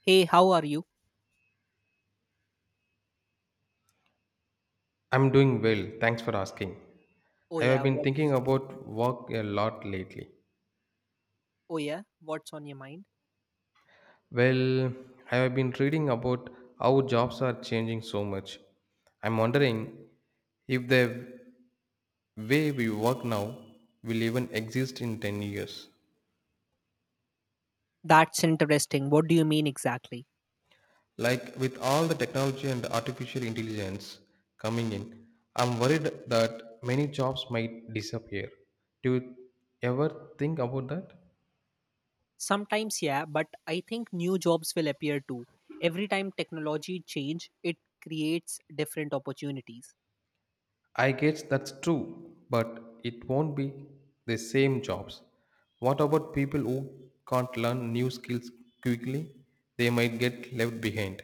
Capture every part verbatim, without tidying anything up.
Hey, how are you? I'm doing well, thanks for asking. Oh I yeah, have been thinking what's about work a lot lately. oh yeah, what's on your mind? Well, I have been reading about how jobs are changing so much. I'm wondering if the way we work now will even exist in ten years. That's interesting. What do you mean exactly? Like with all the technology and artificial intelligence coming in, I'm worried that many jobs might disappear. Do you ever think about that? Sometimes, yeah, but I think new jobs will appear too. Every time technology change, it creates different opportunities. I guess that's true, but it won't be the same jobs. What about people who can't learn new skills quickly? They might get left behind.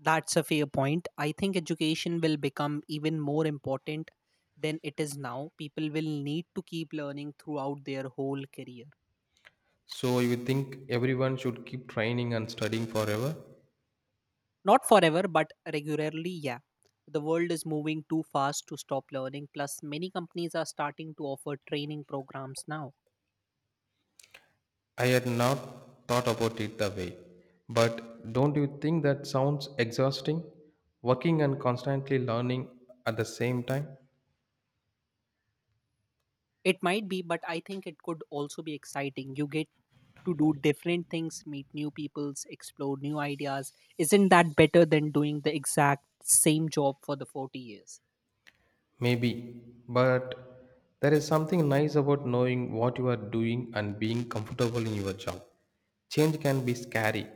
That's a fair point. I think education will become even more important than it is now. People will need to keep learning throughout their whole career. So you think everyone should keep training and studying forever? Not forever, but regularly, yeah. The world is moving too fast to stop learning. Plus, many companies are starting to offer training programs now. I had not thought about it that way. But don't you think that sounds exhausting? Working and constantly learning at the same time? It might be, but I think it could also be exciting. You get to do different things, meet new peoples, explore new ideas. Isn't that better than doing the exact same job for the forty years? Maybe, but there is something nice about knowing what you are doing and being comfortable in your job. Change can be scary.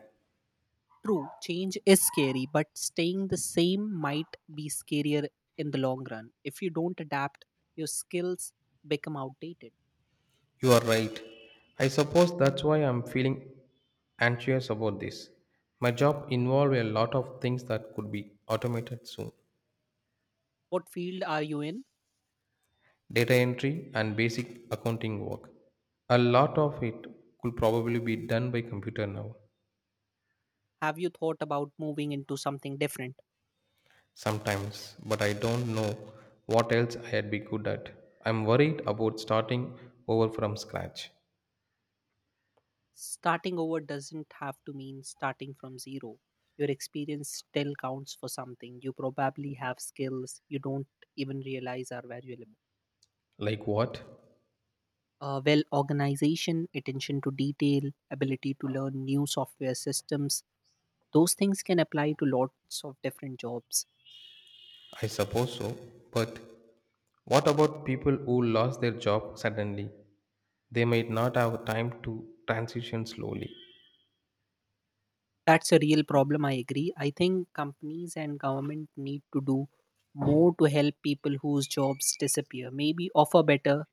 True, change is scary, but staying the same might be scarier in the long run. If you don't adapt, your skills become outdated. You are right. I suppose that's why I'm feeling anxious about this. My job involved a lot of things that could be automated soon. What field are you in? Data entry and basic accounting work. A lot of it could probably be done by computer now. Have you thought about moving into something different? Sometimes, but I don't know what else I'd be good at. I'm worried about starting over from scratch. Starting over doesn't have to mean starting from zero. Your experience still counts for something. You probably have skills you don't even realize are valuable. Like what? Uh, well, organization, attention to detail, ability to learn new software systems, those things can apply to lots of different jobs. I suppose so, but what about people who lost their job suddenly? They might not have time to transition slowly. That's a real problem, I agree. I think companies and government need to do more to help people whose jobs disappear. Maybe offer better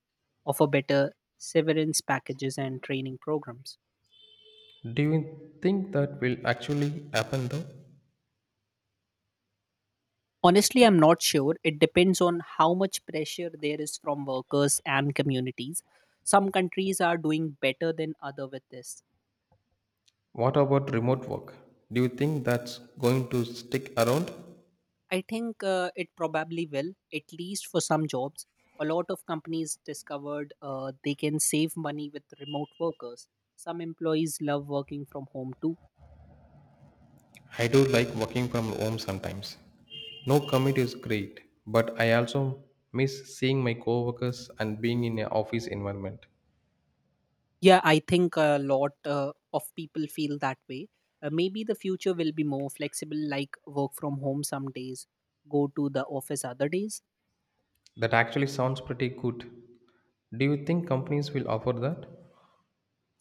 offer better severance packages and training programs. Do you think that will actually happen though? Honestly, I'm not sure. It depends on how much pressure there is from workers and communities. Some countries are doing better than other with this. What about remote work? Do you think that's going to stick around? I think uh, it probably will, at least for some jobs. A lot of companies discovered uh, they can save money with remote workers. Some employees love working from home too. I do like working from home sometimes. No commute is great, but I also miss seeing my coworkers and being in an office environment. Yeah, I think a lot uh, of people feel that way. Uh, maybe the future will be more flexible, like work from home some days, go to the office other days. That actually sounds pretty good. Do you think companies will offer that?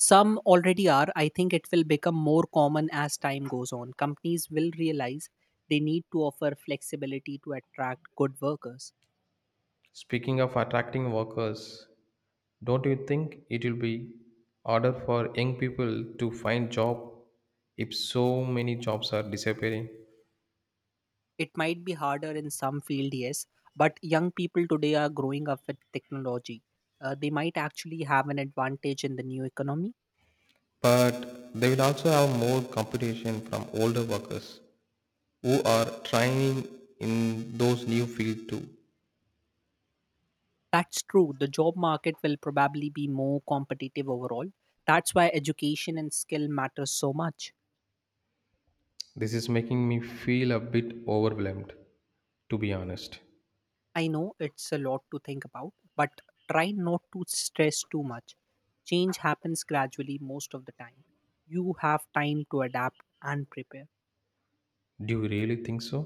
Some already are. I think it will become more common as time goes on. Companies will realize they need to offer flexibility to attract good workers. Speaking of attracting workers, don't you think it will be harder for young people to find job if so many jobs are disappearing? It might be harder in some field, yes, but young people today are growing up with technology. Uh, they might actually have an advantage in the new economy. But they will also have more competition from older workers who are trying in those new fields too. That's true. The job market will probably be more competitive overall. That's why education and skill matters so much. This is making me feel a bit overwhelmed, to be honest. I know it's a lot to think about, but try not to stress too much. Change happens gradually most of the time. You have time to adapt and prepare. Do you really think so?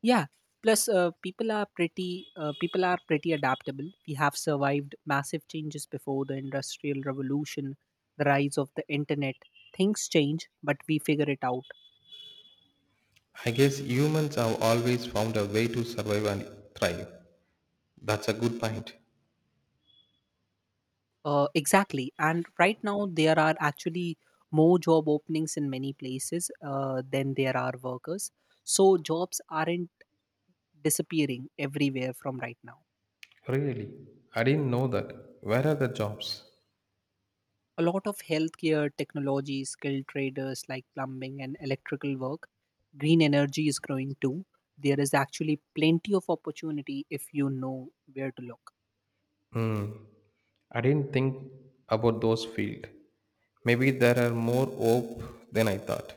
Yeah. Plus, uh, people are pretty uh, people are pretty adaptable. We have survived massive changes before the industrial revolution, the rise of the internet. Things change, but we figure it out. I guess humans have always found a way to survive and thrive. That's a good point. Uh, exactly. And right now, there are actually more job openings in many places uh, than there are workers. So jobs aren't disappearing everywhere from right now. Really? I didn't know that. Where are the jobs? A lot of healthcare, technology, skilled traders like plumbing and electrical work, green energy is growing too. There is actually plenty of opportunity if you know where to look. I didn't think about those fields. Maybe there are more hope than I thought.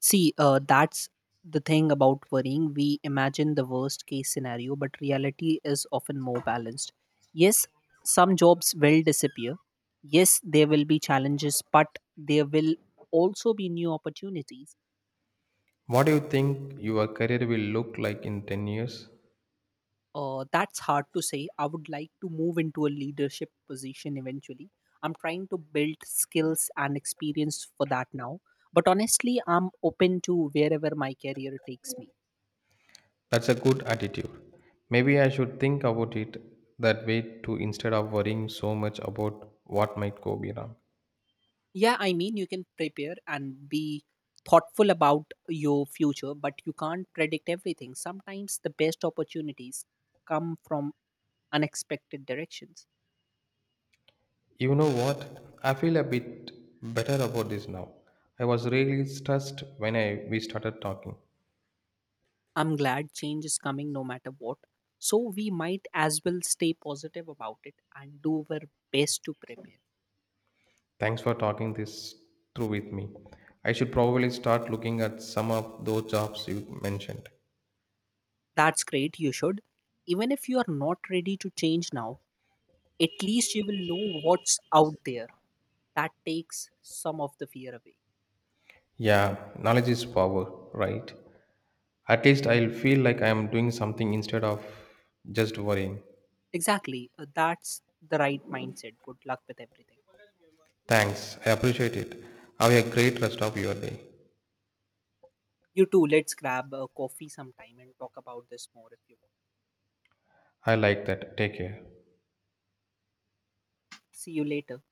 See uh, that's the thing about worrying. We imagine the worst case scenario, but reality is often more balanced. Yes, some jobs will disappear. Yes, there will be challenges, but there will also be new opportunities. What do you think your career will look like in ten years? Uh, that's hard to say. I would like to move into a leadership position eventually. I'm trying to build skills and experience for that now. But honestly, I'm open to wherever my career takes me. That's a good attitude. Maybe I should think about it that way too instead of worrying so much about what might go be wrong. Yeah, I mean, you can prepare and be thoughtful about your future, but you can't predict everything. Sometimes the best opportunities come from unexpected directions. You know what? I feel a bit better about this now. I was really stressed when I we started talking. I'm glad change is coming no matter what. So we might as well stay positive about it and do our best to prepare. Thanks for talking this through with me. I should probably start looking at some of those jobs you mentioned. That's great, you should. Even if you are not ready to change now, at least you will know what's out there. That takes some of the fear away. Yeah, knowledge is power, right? At least I'll feel like I am doing something instead of just worrying. Exactly, uh, that's the right mindset. Good luck with everything. Thanks, I appreciate it. Have a great rest of your day. You too. Let's grab a coffee sometime and talk about this more if you want. I like that. Take care. See you later.